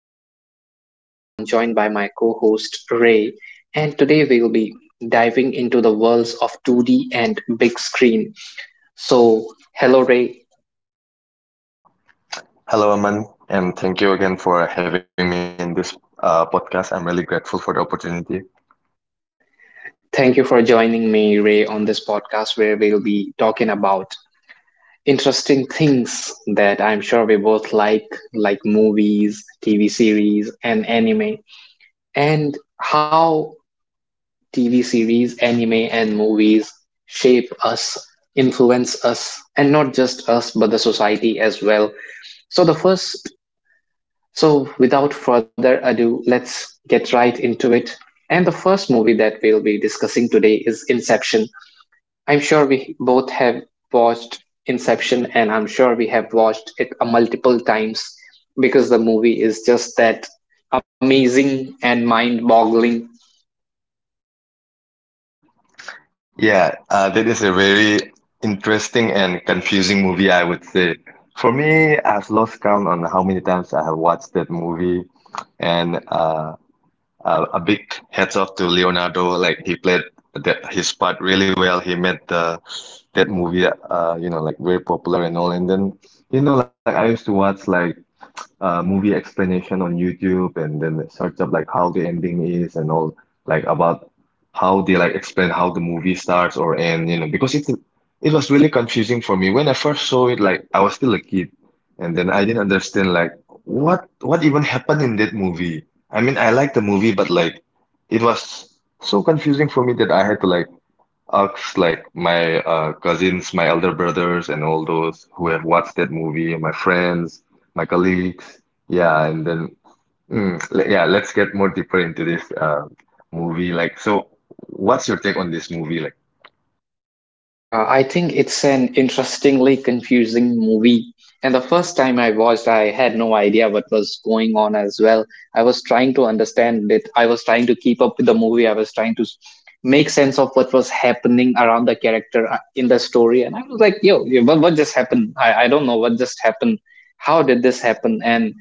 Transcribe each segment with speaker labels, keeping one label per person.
Speaker 1: Host, Aman, and today I'm joined by my co host, Ray. And today we'll be diving into the worlds of 2D and big screen. So, hello, Ray.
Speaker 2: Hello, Aman, and thank you again for having me in this podcast. I'm really grateful for the opportunity.
Speaker 1: Thank you for joining me, Ray, on this podcast where we'll be talking about interesting things that I'm sure we both like movies, TV series, and anime, and how TV series, anime, and movies shape us, influence us, and not just us, but the society as well. So, without further ado, let's get right into it. And the first movie that we'll be discussing today is Inception. I'm sure we both have watched Inception, and I'm sure we have watched it a multiple times because the movie is just that amazing and mind boggling.
Speaker 2: Yeah, that is a very interesting and confusing movie, I would say. For me, I've lost count on how many times I have watched that movie, and a big heads off to Leonardo. Like he played that his part really well. He made the that movie, you know, like very popular and all. And then, you know, like I used to watch like movie explanation on YouTube and then search up like how the ending is and all like about how they like explain how the movie starts or end, you know, because it was really confusing for me. When I first saw it, like I was still a kid and then I didn't understand like what even happened in that movie. I mean, I liked the movie, but like it was so confusing for me that I had like Arcs like my cousins, my elder brothers, and all those who have watched that movie, my friends, my colleagues. Yeah, and then yeah, let's get more deeper into this movie. Like, so what's your take on this movie? Like,
Speaker 1: I think it's an interestingly confusing movie. And the first time I watched, I had no idea what was going on as well. I was trying to understand it. I was trying to keep up with the movie. I was trying to make sense of what was happening around the character in the story. And was like, yo, yo, what just happened? I don't know what just happened. How did this happen? And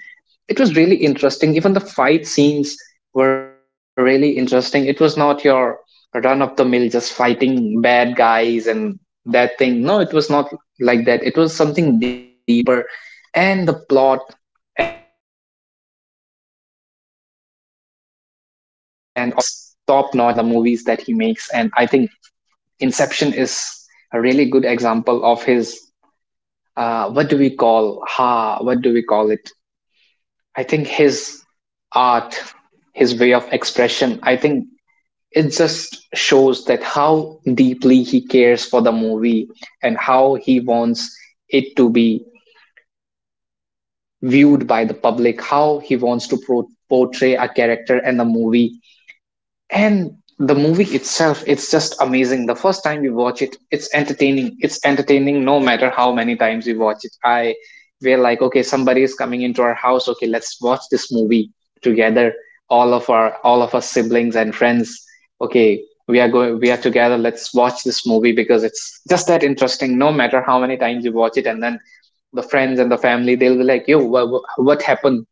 Speaker 1: it was really interesting. Even the fight scenes were really interesting. It was not your run of the mill just fighting bad guys and that thing. No, it was not like that. It was something deeper. And the plot and obviously the direction by Christopher Nolan is just top notch and the movies that he makes. And I think Inception is a really good example of his what do we call it I think his art, his way of expression. I think it just shows that how deeply he cares for the movie and how he wants it to be viewed by the public, how he wants to portray a character in the movie and the movie itself. It's just amazing. The first time we watch it, it's entertaining. It's entertaining no matter how many times we watch it. I we're like, okay, somebody is coming into our house. Okay, let's watch this movie together. All of our siblings and friends, okay, we are going, we are together, let's watch this movie because it's just that interesting no matter how many times you watch it. And then the friends and the family, they'll be like, yo, what happened?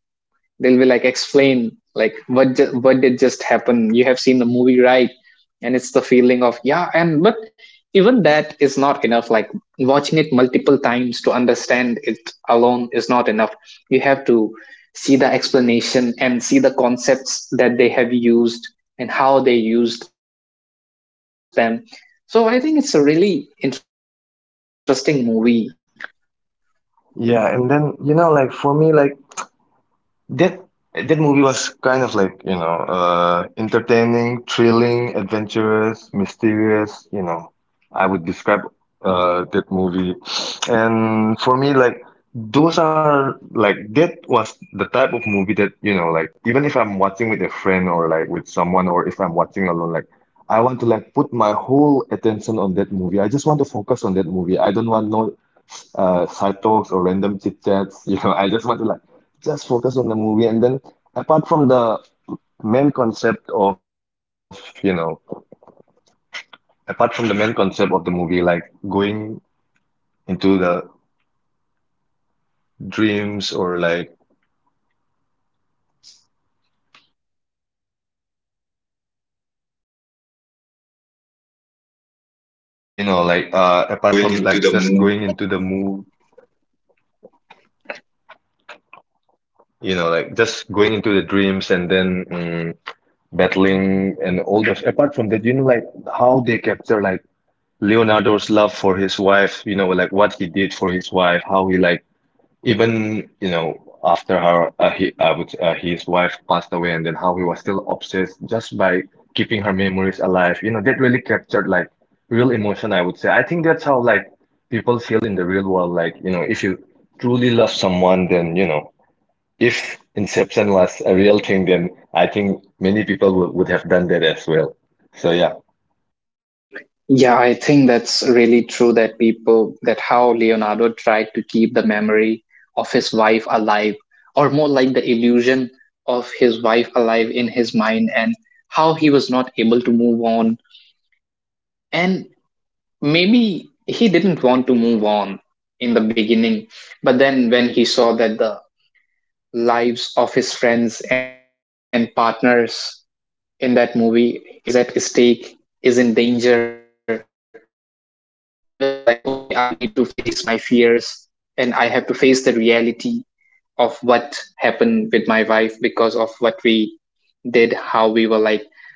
Speaker 1: They'll be like, explain, like what what did just happen? You have seen the movie, right? And it's the feeling of yeah. And but even that is not enough. Like watching it multiple times to understand it alone is not enough. You have to see the explanation and see the concepts that they have used and how they used them. So I think it's a really interesting movie.
Speaker 2: yeah, and then you know, like for me, like That that movie was kind of like, you know, entertaining, thrilling, adventurous, mysterious, you know. I would describe that movie. And for me, like those are like that was the type of movie that, you know, like even if I'm watching with a friend or like with someone or if I'm watching alone, like I want to like put my whole attention on that movie. I just want to focus on that movie. I don't want no side talks or random chit chats. You know, I just want to like just focus on the movie. And then apart from the main concept of, you know, apart from the main concept of the movie, like going into the dreams or like,
Speaker 1: You know, like
Speaker 2: you know,
Speaker 1: apart
Speaker 2: like
Speaker 1: from like just
Speaker 2: apart
Speaker 1: going
Speaker 2: from
Speaker 1: into
Speaker 2: like
Speaker 1: the
Speaker 2: just
Speaker 1: mood.
Speaker 2: going into the mood, you know, like just going into the dreams and then battling and all those. Apart from that, know, like how they capture like Leonardo's love for his wife, you know, like what he did for his wife, how he like even you know after her his wife passed away and then how he was still obsessed just by keeping her memories alive, you know, that really captured like real emotion, I would say. I think that's how like people feel in the real world, like you know, if you truly love someone then you know, if Inception was a real thing then I think many people would have done that as well. So yeah.
Speaker 1: Yeah, I think that's really true that people, that how Leonardo tried to keep the memory of his wife alive, or more like the illusion of his wife alive in his mind, and how he was not able to move on. And maybe he didn't want to move on in the beginning, but then when he saw that the lives of his friends and partners in that movie is at stake, is in danger. He was like, okay, I need to face my fears and I have to face the reality of what happened with my wife because of what we did, how we were like,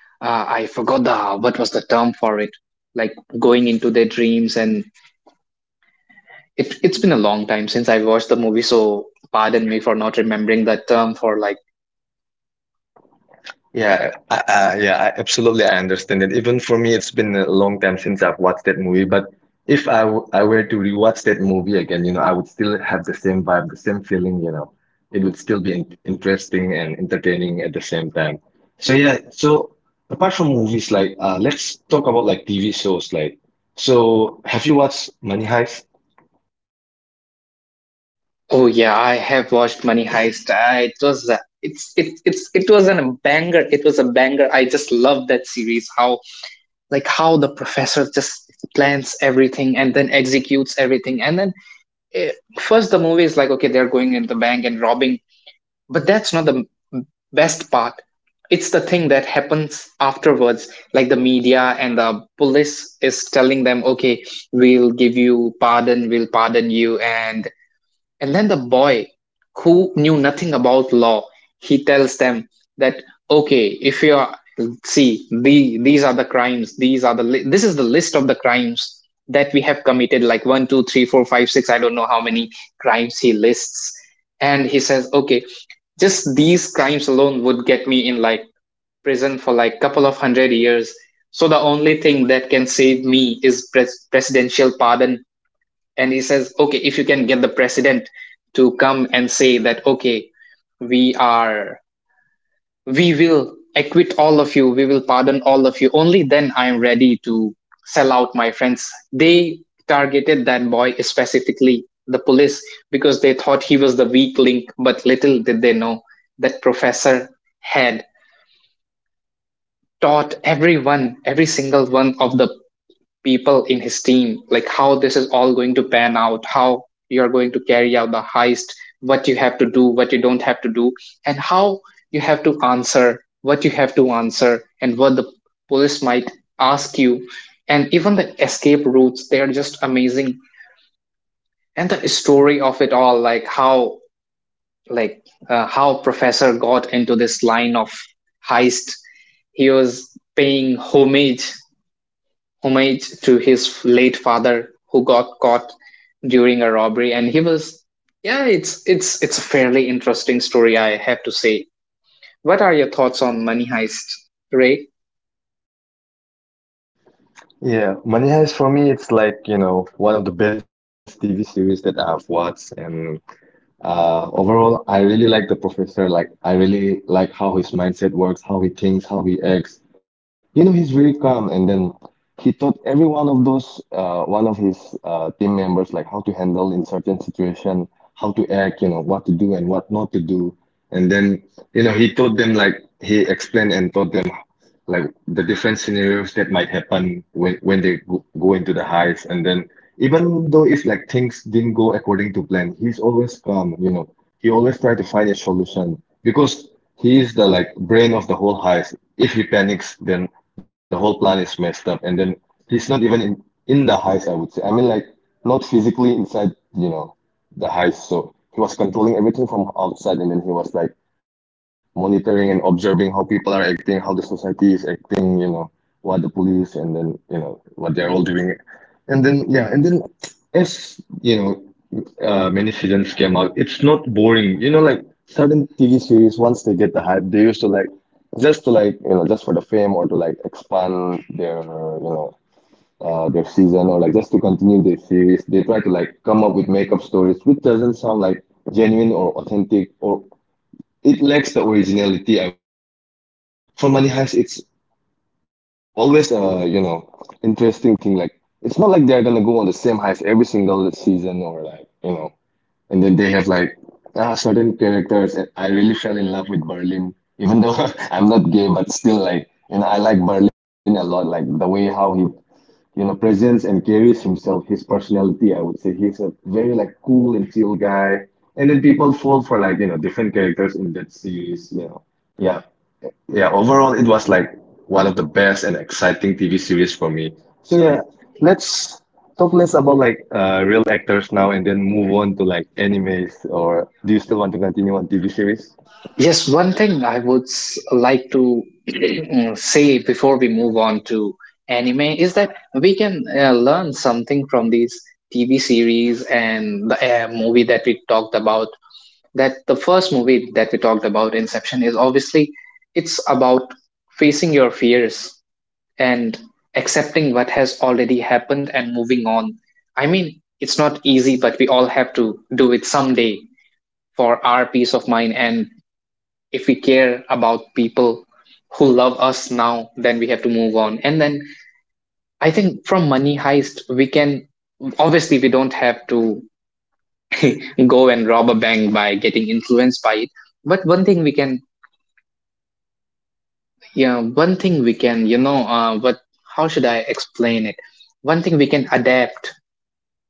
Speaker 1: I forgot the, what was the term for it? Like going into their dreams. And it's been a long time since I watched the movie. So pardon me for not remembering that term for like,
Speaker 2: I absolutely. I understand it. Even for me, it's been a long time since I've watched that movie. But if I were to rewatch that movie again, you know, I would still have the same vibe, the same feeling, you know. It would still be in interesting and entertaining at the same time. So yeah, so apart from movies, like let's talk about like TV shows. Like, so have you watched Money Heist?
Speaker 1: oh yeah, I have watched Money Heist. Ah, it was an a banger. It was a banger. I just love that series. How just plans everything and then executes everything. And then eh, first the movie is like, okay, they're going in the bank and robbing, but that's not the m- best part. It's the thing that happens afterwards, like the media and the police is telling them, okay, we'll give you pardon, we'll pardon you, and then the boy who knew nothing about law, he tells them that, okay, if you are, see the, these are the crimes, these are the this is the list of the crimes that we have committed, like one, two, three, four, five, six. I don't know how many crimes he lists, and he says, okay, just these crimes alone would get me in like prison for like couple of hundred years. So the only thing that can save me is presidential pardon. And he says, okay, if you can get the president to come and say that, okay, we are we will acquit all of you, we will pardon all of you, only then I am ready to sell out my friends. They targeted that boy specifically, the police, because they thought he was the weak link. But little did they know that professor had taught everyone, every single one of the people in his team, like how this is all going to pan out, how you're going to carry out the heist, what you have to do, what you don't have to do, and how you have to answer, what you have to answer, and what the police might ask you. And even the escape routes, they are just amazing. And the story of it all, like how professor got into this line of heist. He was paying homage to his late father who got caught during a robbery and he was, yeah, it's a fairly interesting story, I have to say. What are your thoughts on Money Heist, Ray?
Speaker 2: Yeah, Money Heist for me, it's like, you know, one of the best TV series that I've watched, and overall, I really like the professor. Like, I really like how his mindset works, how he thinks, how he acts. You know, he's really calm. And then he taught every one of those, one of his team members, like how to handle in certain situation, how to act, you know, what to do and what not to. And then, you know, he taught them like he explained and taught them like the different scenarios that might happen when they go into the heist, and then even though if like things didn't go according to plan, he's always calm, you know. He always try to find a solution because he is the like brain of the whole heist. If he panics then the whole plan is messed up and then he's not even in the heist, I would say. I mean, like not physically inside, you know, the heist. So he was controlling everything from outside and then he was like monitoring and observing how people are acting, how the society is acting, you know, what the police and then, you know, what they're all doing. And then, yeah, and then as, you know, many seasons came out, it's not boring. You know, like certain TV series, once they get the hype, they used to like just to like, you know, just for the fame or to like expand their, you know, their season or like just to continue their series. They try to like come up with makeup stories, which doesn't sound like genuine or authentic or it lacks the originality, I would say. But for Money Heist, it's always you know, interesting thing. Like it's not like they're gonna go on the same heist every single season or like, you know, and then they have like certain characters, and I really fell in love with Berlin, even though I'm not gay, but still like you know, I like Berlin a lot, like the way how he you know, presence and carries himself, his personality, I would say. He's a very like cool and chill guy. And then people fall for like, you know, different characters in that series, you know. Yeah. Yeah, overall it was like one of the best and exciting series for me. So yeah, let's talk less about like real actors now and then move on to like animes, or do you still want to continue on TV series?
Speaker 1: Yes, one thing I would like to say before we move on to anime is that we can learn something from these TV series and the movie that we talked about, that the first movie that we talked about, Inception, is obviously it's about facing your fears and accepting what has already happened and moving on. I mean, it's not easy, but we all have to do it someday for our peace of mind. And if we care about people who love us now, then we have to move on. And then I think from Money Heist, we can obviously, we don't have to go and rob a bank by getting influenced by it. But one thing we can, yeah, one thing we can, you know, what? How should I explain it? One thing we can adapt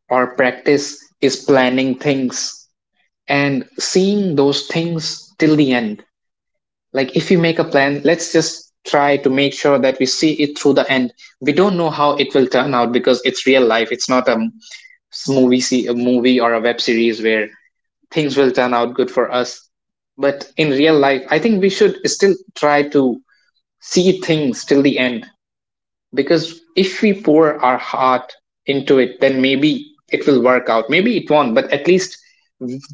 Speaker 1: or practice is planning things and seeing those things till the end. Like if we make a plan, let's just try to make sure that we see it through the end. We don't know how it will turn out because it's real life. It's not a movie, a movie or a web series where things will turn out good for us. But in real life, I think we should still try to see things till the end because if we pour our heart into it, then maybe it will work out, maybe it won't, but at least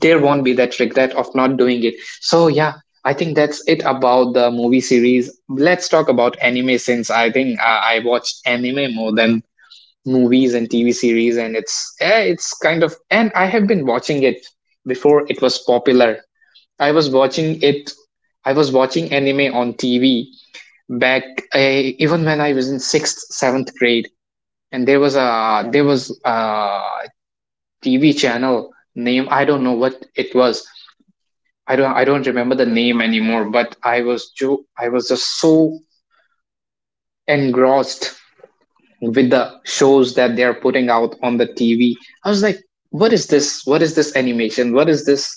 Speaker 1: there won't be that regret of not doing it. So yeah, I think that's it about the movie series. Let's talk about anime since I think I watch anime more than movies and TV series. And it's it's kind of, and I have been watching it before it was popular. I was watching it. I was watching anime on TV back. I, even when I was in sixth, seventh grade, and there was a TV channel name, I don't know what it was. I don't remember the name anymore. But I was I was just so engrossed with the shows that they are putting out on the TV. I was like, what is this? What is this animation? What is this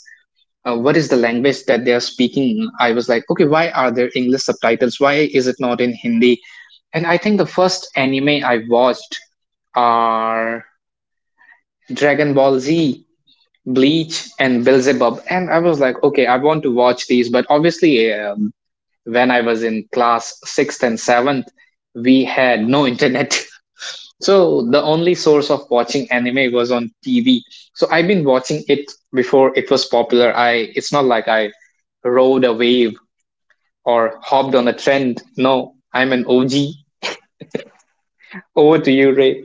Speaker 1: what is the language that they are speaking? I was like, okay, why are there English subtitles? Why is it not in Hindi? And I think the first anime I watched are Dragon Ball Z, Bleach, and Beelzebub. And I was like, okay, I want to watch these, but obviously when I was in class 6th and 7th, we had no internet. So the only source of watching anime was on TV. So I've been watching it before it was popular. I it's not like I rode a wave or hopped on a trend. No, I'm an OG. Over to you, Ray.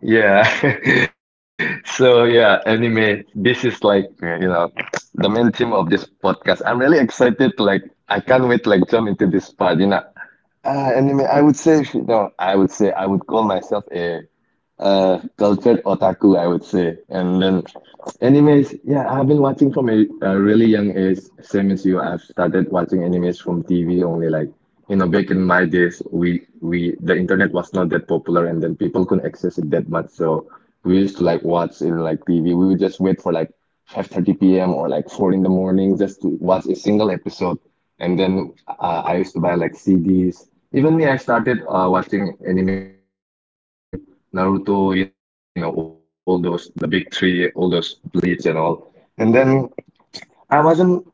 Speaker 2: Yeah. So yeah, anyway, this is like, you know, the main theme of this podcast. I'm really excited. Like, I can't wait like jump into this part, you know. Anime, I would say, you know, I would say I would call myself a cultured otaku, I would say. And then animes, yeah, I've been watching from a really young age, same as you. I've started watching animes from TV only, know, back in my days, we the internet was not that popular and then people couldn't access it that much, so we used to like watch in like TV. We would just wait for like 5:30 p.m. or like 4 in the morning just to watch a single episode. And then I used to buy like CDs. Me, I started watching anime from like Dragon Ball Z, Naruto, you know, all those, the big three, all those Bleach and all. And then I wasn't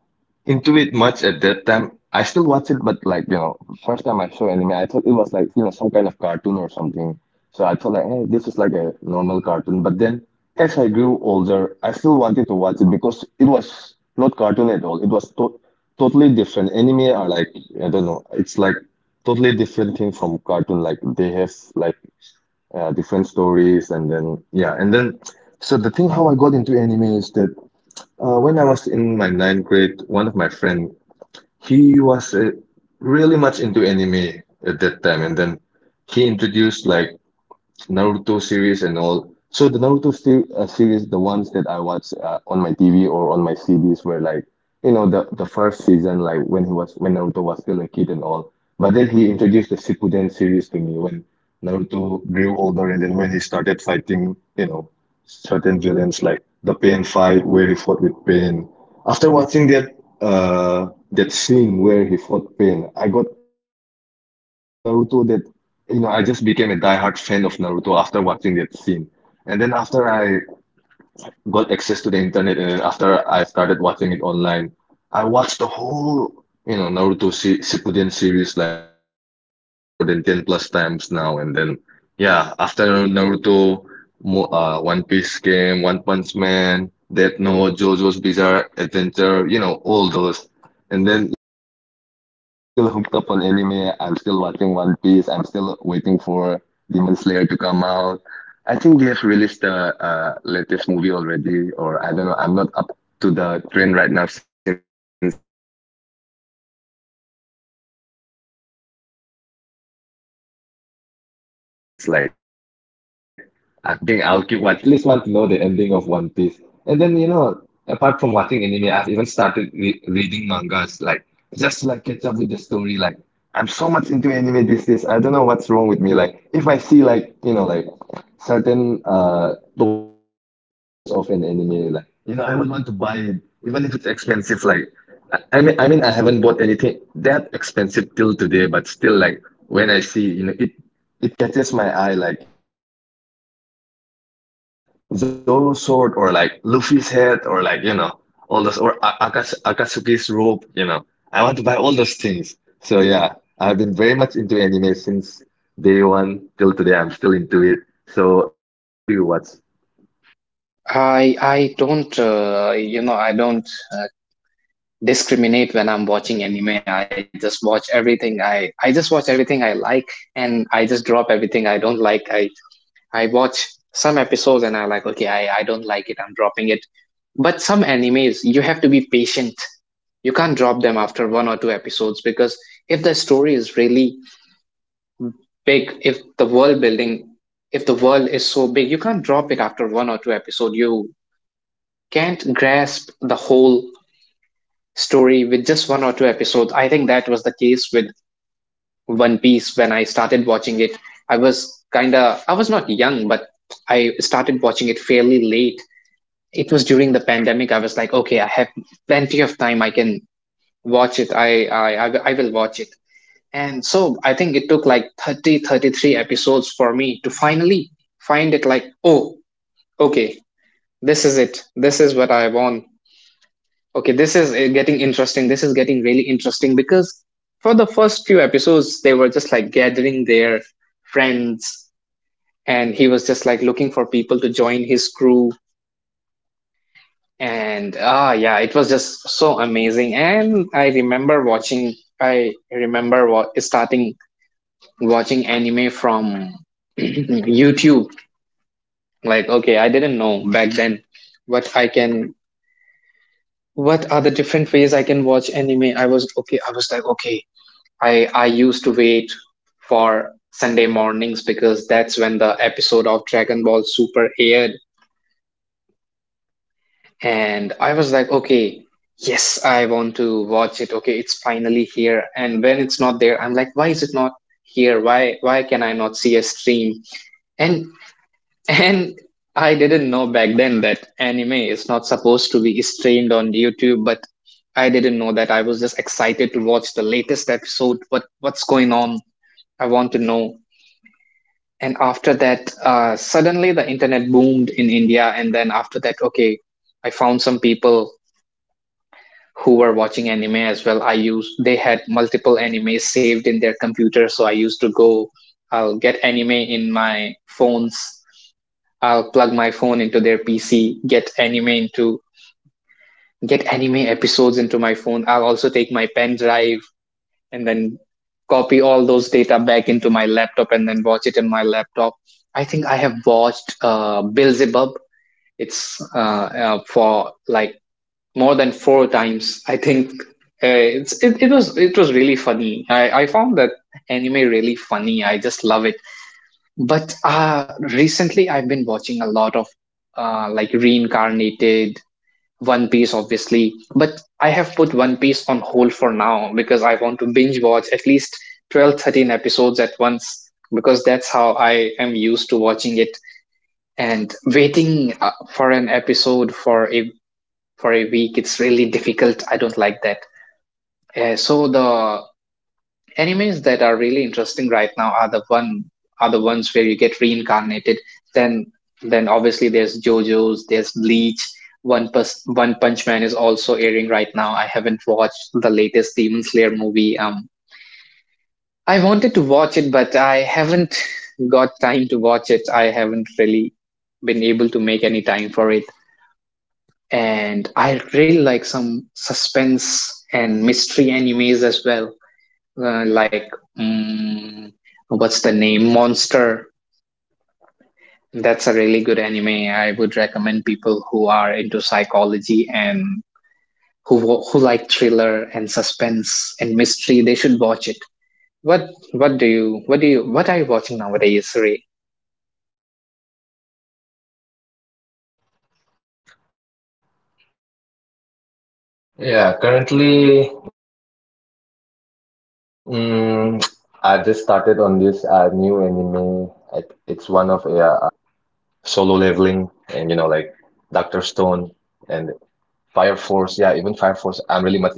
Speaker 2: into it much at that time. I still watch it, but like, you know, first time I saw anime, I thought it like, you know, some kind of cartoon or something. So I thought like, hey, this is like a normal cartoon. But then as I grew older, I still wanted to watch it because it was not cartoon at all. It was to totally different. Anime are like, I don't know, it's like totally different thing from cartoon. Like they have like different stories, and then yeah, and then so the thing how I got into anime is that when I was in my ninth grade, one of my friend, was really much into anime at that time, and then he introduced like Naruto series and all. So the Naruto ser series, the ones that I watch on my TV or on my CDs were like, you know, the first season, like when he was when Naruto was still a kid and all. But then he introduced the Shippuden series to me when Naruto grew older and then when he started fighting, you know, certain villains like the Pain fight where he fought with Pain. After watching that that scene where he fought Pain, I got so much into Naruto that you know, I just became a diehard fan of Naruto after watching that scene. And then after I got access to the internet and then after I started watching it online, I watched the whole, you know, Naruto se Shippuden series like I think it's been like more than 10 plus times now. And then yeah, after Naruto, Mo One Piece came, One Punch Man, Death Note, JoJo's Bizarre Adventure, you know, all those. And then yeah, till today I'm still hooked up on anime. I'm still watching One Piece. I'm still waiting for Demon Slayer to come out. I think they've released the latest movie already, or I don't know. I'm not up to the trend right now since I've been a bit occupied these days. So yeah, anime is I think I'll keep watching anime for at least 20 plus years now. I at least want to know the ending of One Piece. And then, you know, apart from watching anime, I've even started re reading mangas, like just to, like catch up with the story. Like I'm so much into anime these days. I don't know what's wrong with me. Like if I see like, you know, like certain toys or like action figures of an anime. Like, you know, I would want to buy it, even if it's expensive. Like, I mean, I haven't bought anything that expensive till today, but still, like, when I see, you know, it catches my eye. Like, you know, like ah, Zoro's sword, or like Luffy's head, or like you know, all those, or Akatsuki's robe. You know, I want to buy all those things. So yeah, I've been very much into anime since day one till today. I'm still into it. So yeah, what kind of animes do you watch?
Speaker 1: I don't you know, I don't uh, discriminate when I'm watching anime. I just watch everything. I just watch everything I like, and I just drop everything I don't like. I watch some episodes and I'm like, okay, I don't like it. I'm dropping it. But some animes, you have to be patient. You can't drop them after one or two episodes because if the story is really big, if the world building, if the world is so big, you can't drop it after one or two episodes. You can't grasp the whole story with just one or two episodes. I think that was the case with One Piece when I started watching it. I was kind of, I was not young, but I started watching it fairly late. It was during the pandemic. I was like, okay, I have plenty of time. I can watch it, I will watch it. And so I think it took like 30 33 episodes for me to finally find it, like, oh, okay, this is it, this is what I want. Okay, this is getting interesting, this is getting really interesting, because for the first few episodes they were just like gathering their friends, and he was just like looking for people to join his crew. And ah, yeah, it was just so amazing. And I remember watching, I remember what starting watching anime from YouTube. Like, okay, I didn't know back then what I can, what are the different ways I can watch anime. I was okay. I was like, okay, I used to wait for Sunday mornings because that's when the episode of Dragon Ball Super aired, and I was like, okay. Yes, I want to watch it. Okay, it's finally here. And when it's not there, I'm like, why is it not here? Why can I not see a stream? And And I didn't know back then that anime is not supposed to be streamed on YouTube, but I didn't know that. I was just excited to watch the latest episode. What's going on? I want to know. And after that, suddenly the internet boomed in India. And then after that, okay, I found some people who were watching anime as well. I used, they had multiple anime saved in their computer, so I used to go. I'll get anime in my phones, I'll plug my phone into their PC, get anime into, get anime episodes into my phone. I'll also take my pen drive and then copy all those data back into my laptop and then watch it in my laptop. I think I have watched Beelzebub. It's for like more than four times. I think it was really funny. I found that anime really funny. I just love it. But recently, I've been watching a lot of like reincarnated. One Piece, obviously. But I have put One Piece on hold for now because I want to binge watch at least 12, 13 episodes at once because that's how I am used to watching it. And waiting for an episode for a week, it's really difficult. I don't like that. So the animes that are really interesting right now are the one are the ones where you get reincarnated. Then then obviously there's JoJo's, there's Bleach. One Punch Man is also airing right now. I haven't watched the latest Demon Slayer movie. I wanted to watch it, but I haven't got time to watch it. I haven't really been able to make any time for it. And I really like some suspense and mystery animes as well, like, mm, what's the name, Monster. That's a really good anime. I would recommend people who are into psychology and who who like thriller and suspense and mystery, they should watch it. What what do you what do you what are you watching nowadays, Ray?
Speaker 2: Yeah, currently, I just started on this new anime. It's one of those new animes like Solo Leveling and you know like Doctor Stone and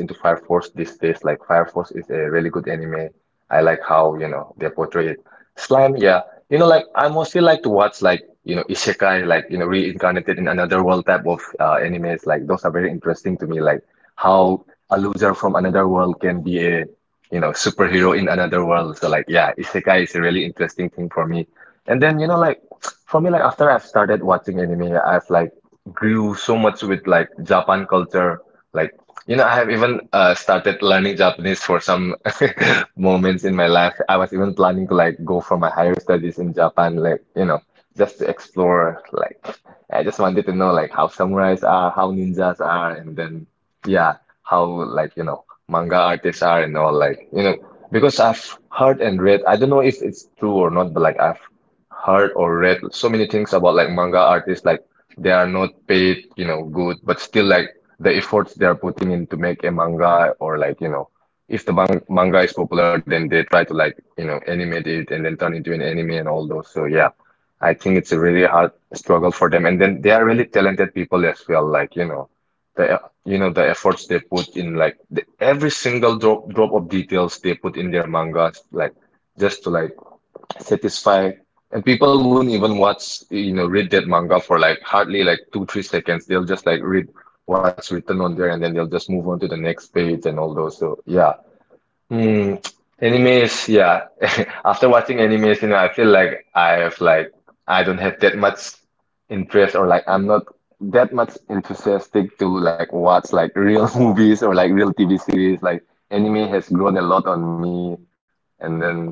Speaker 2: Fire Force, yeah, even Fire Force. I'm really much into Fire Force these days. Like Fire Force is a really good anime. I like how, you know, they portray it. Slime, yeah. You world type of animes. Like those are very interesting to me. Like how a loser from another world can be a, you know, superhero in another world. So like, yeah, isekai is a really interesting thing for me. And then, you know, like for me, like after I've started watching anime, I've like grew so much with like Japan culture. Like, you know, I have even started learning Japanese for some moments in my life. I was even planning to like go for my higher studies in Japan, like, you know, just to explore. Like, I just wanted to know like how samurais are, how ninjas are, and then yeah, how like, you know, manga artists are and all like, you know, because I've heard and read, I don't know if it's true or not, but like I've heard or read so many things about like manga artists like they are not paid, you know, good, but still like the efforts they are putting in to make a manga or like, you know, if the manga is popular, then they try to like, you know, animate it and then turn into an anime and all those. So yeah, I think it's a really hard struggle for them. And then they are really talented people as well. Like, you know the efforts they put in, like the, every single drop of details they put in their mangas, like just to like satisfied. And people wouldn't even watch, you know, read that manga for like hardly like two, 3 seconds. They'll just like read what's written on there and then they'll just move on to the next page and all those. So yeah, Hmm. animes, yeah. After watching animes, you know, I feel like I have like I don't have that much interest or like I'm not that much enthusiastic to like watch like real movies or like real TV series. Like anime has grown a lot on me. And then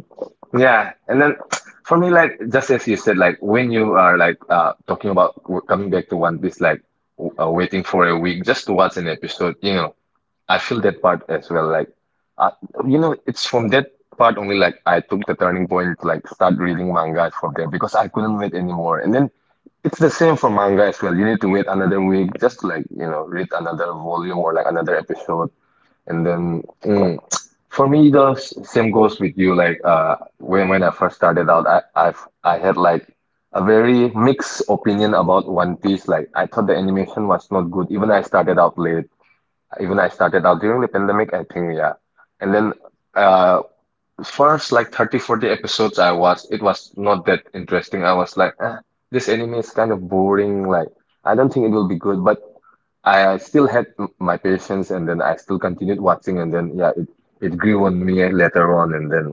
Speaker 2: yeah, and then for me like just as you said, like when you are like talking about w coming back to One Piece, like w for a week just to watch an episode, you know. I feel that part as well. Like, uh, you know, it's from that part only. Like, I took turning point to like start reading mangas from there because I couldn't wait anymore. And then it's the same for manga as well. You need to wait another week just to like you know read another volume or like another episode. And then for me, the same goes with you. Like, when I first started out, I had like a very mixed opinion about One Piece. Like, I thought the animation was not good. Even I started out late. Even I started out during the pandemic, I think, yeah. And then uh first like 30, 40 episodes I watched, it was not that interesting. I was like, ah, this anime is kind of boring, like I don't think it will be good, but I still had my patience and then I still continued watching and then yeah, it grew on me later on and then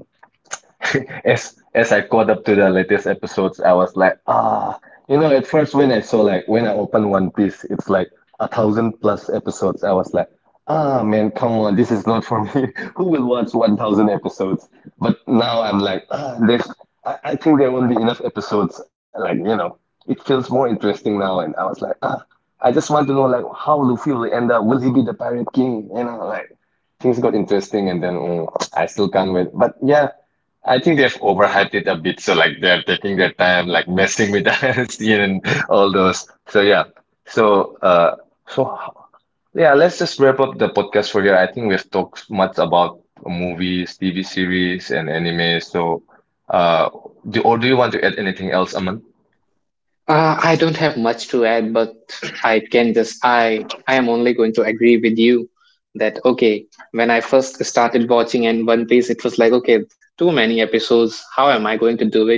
Speaker 2: As I caught up to the latest episodes, I was like, ah, you know, at first when I saw like when I opened One Piece, it's like a thousand plus episodes. I was like, ah, man, come on, this is not for me. Who will watch 1,000 episodes? But now I'm like, ah, there's, I think there won't be enough episodes. Like, you know, it feels more interesting now. And I was like, ah, I just want to know like how Luffy will end up. Will he be the Pirate King? You know, like things got interesting and then I still can't wait. But yeah, I think they've overhyped it a bit, so like they're taking their time, like messing with us and all those. So yeah. So uh, so yeah, let's just wrap up the podcast for here. I think we've talked much about movies, TV series, and anime. So uh, do you want to add anything else, Aman?
Speaker 1: I don't have much to add, but I can just, I am only going to agree with you that, okay, when I first started watching in One Piece, it was like, okay, too many episodes. How am I going to do it?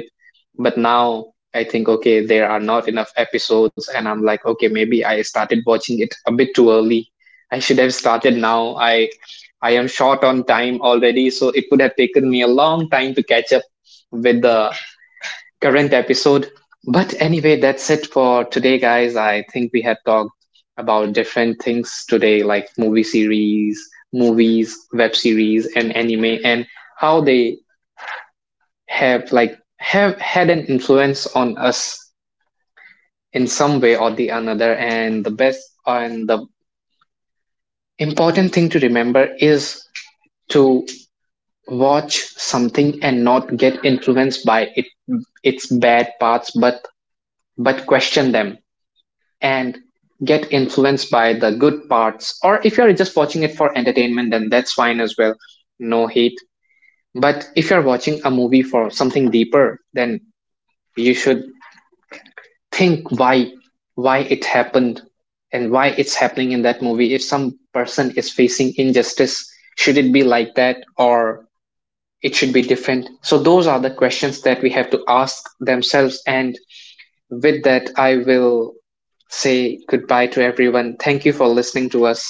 Speaker 1: But now I think, okay, there are not enough episodes, and I'm like, okay, maybe I started watching it a bit too early. I should have started now. I am short on time already, so it would have taken me a long time to catch up with the current episode. But anyway, that's it for today, guys. I think we have talked about different things today, like movie series, movies, web series, and anime, and how they have like have had an influence on us in some way or the another. And the best and the important thing to remember is to watch something and not get influenced by it its bad parts, but question them and get influenced by the good parts, or if you're just watching it for entertainment, then that's fine as well. No hate. But if you're watching a movie for something deeper, then you should think why, it happened and why it's happening in that movie. If some person is facing injustice, should it be like that, or it should be different? So those are the questions that we have to ask themselves. And with that, I will say goodbye to everyone. Thank you for listening to us.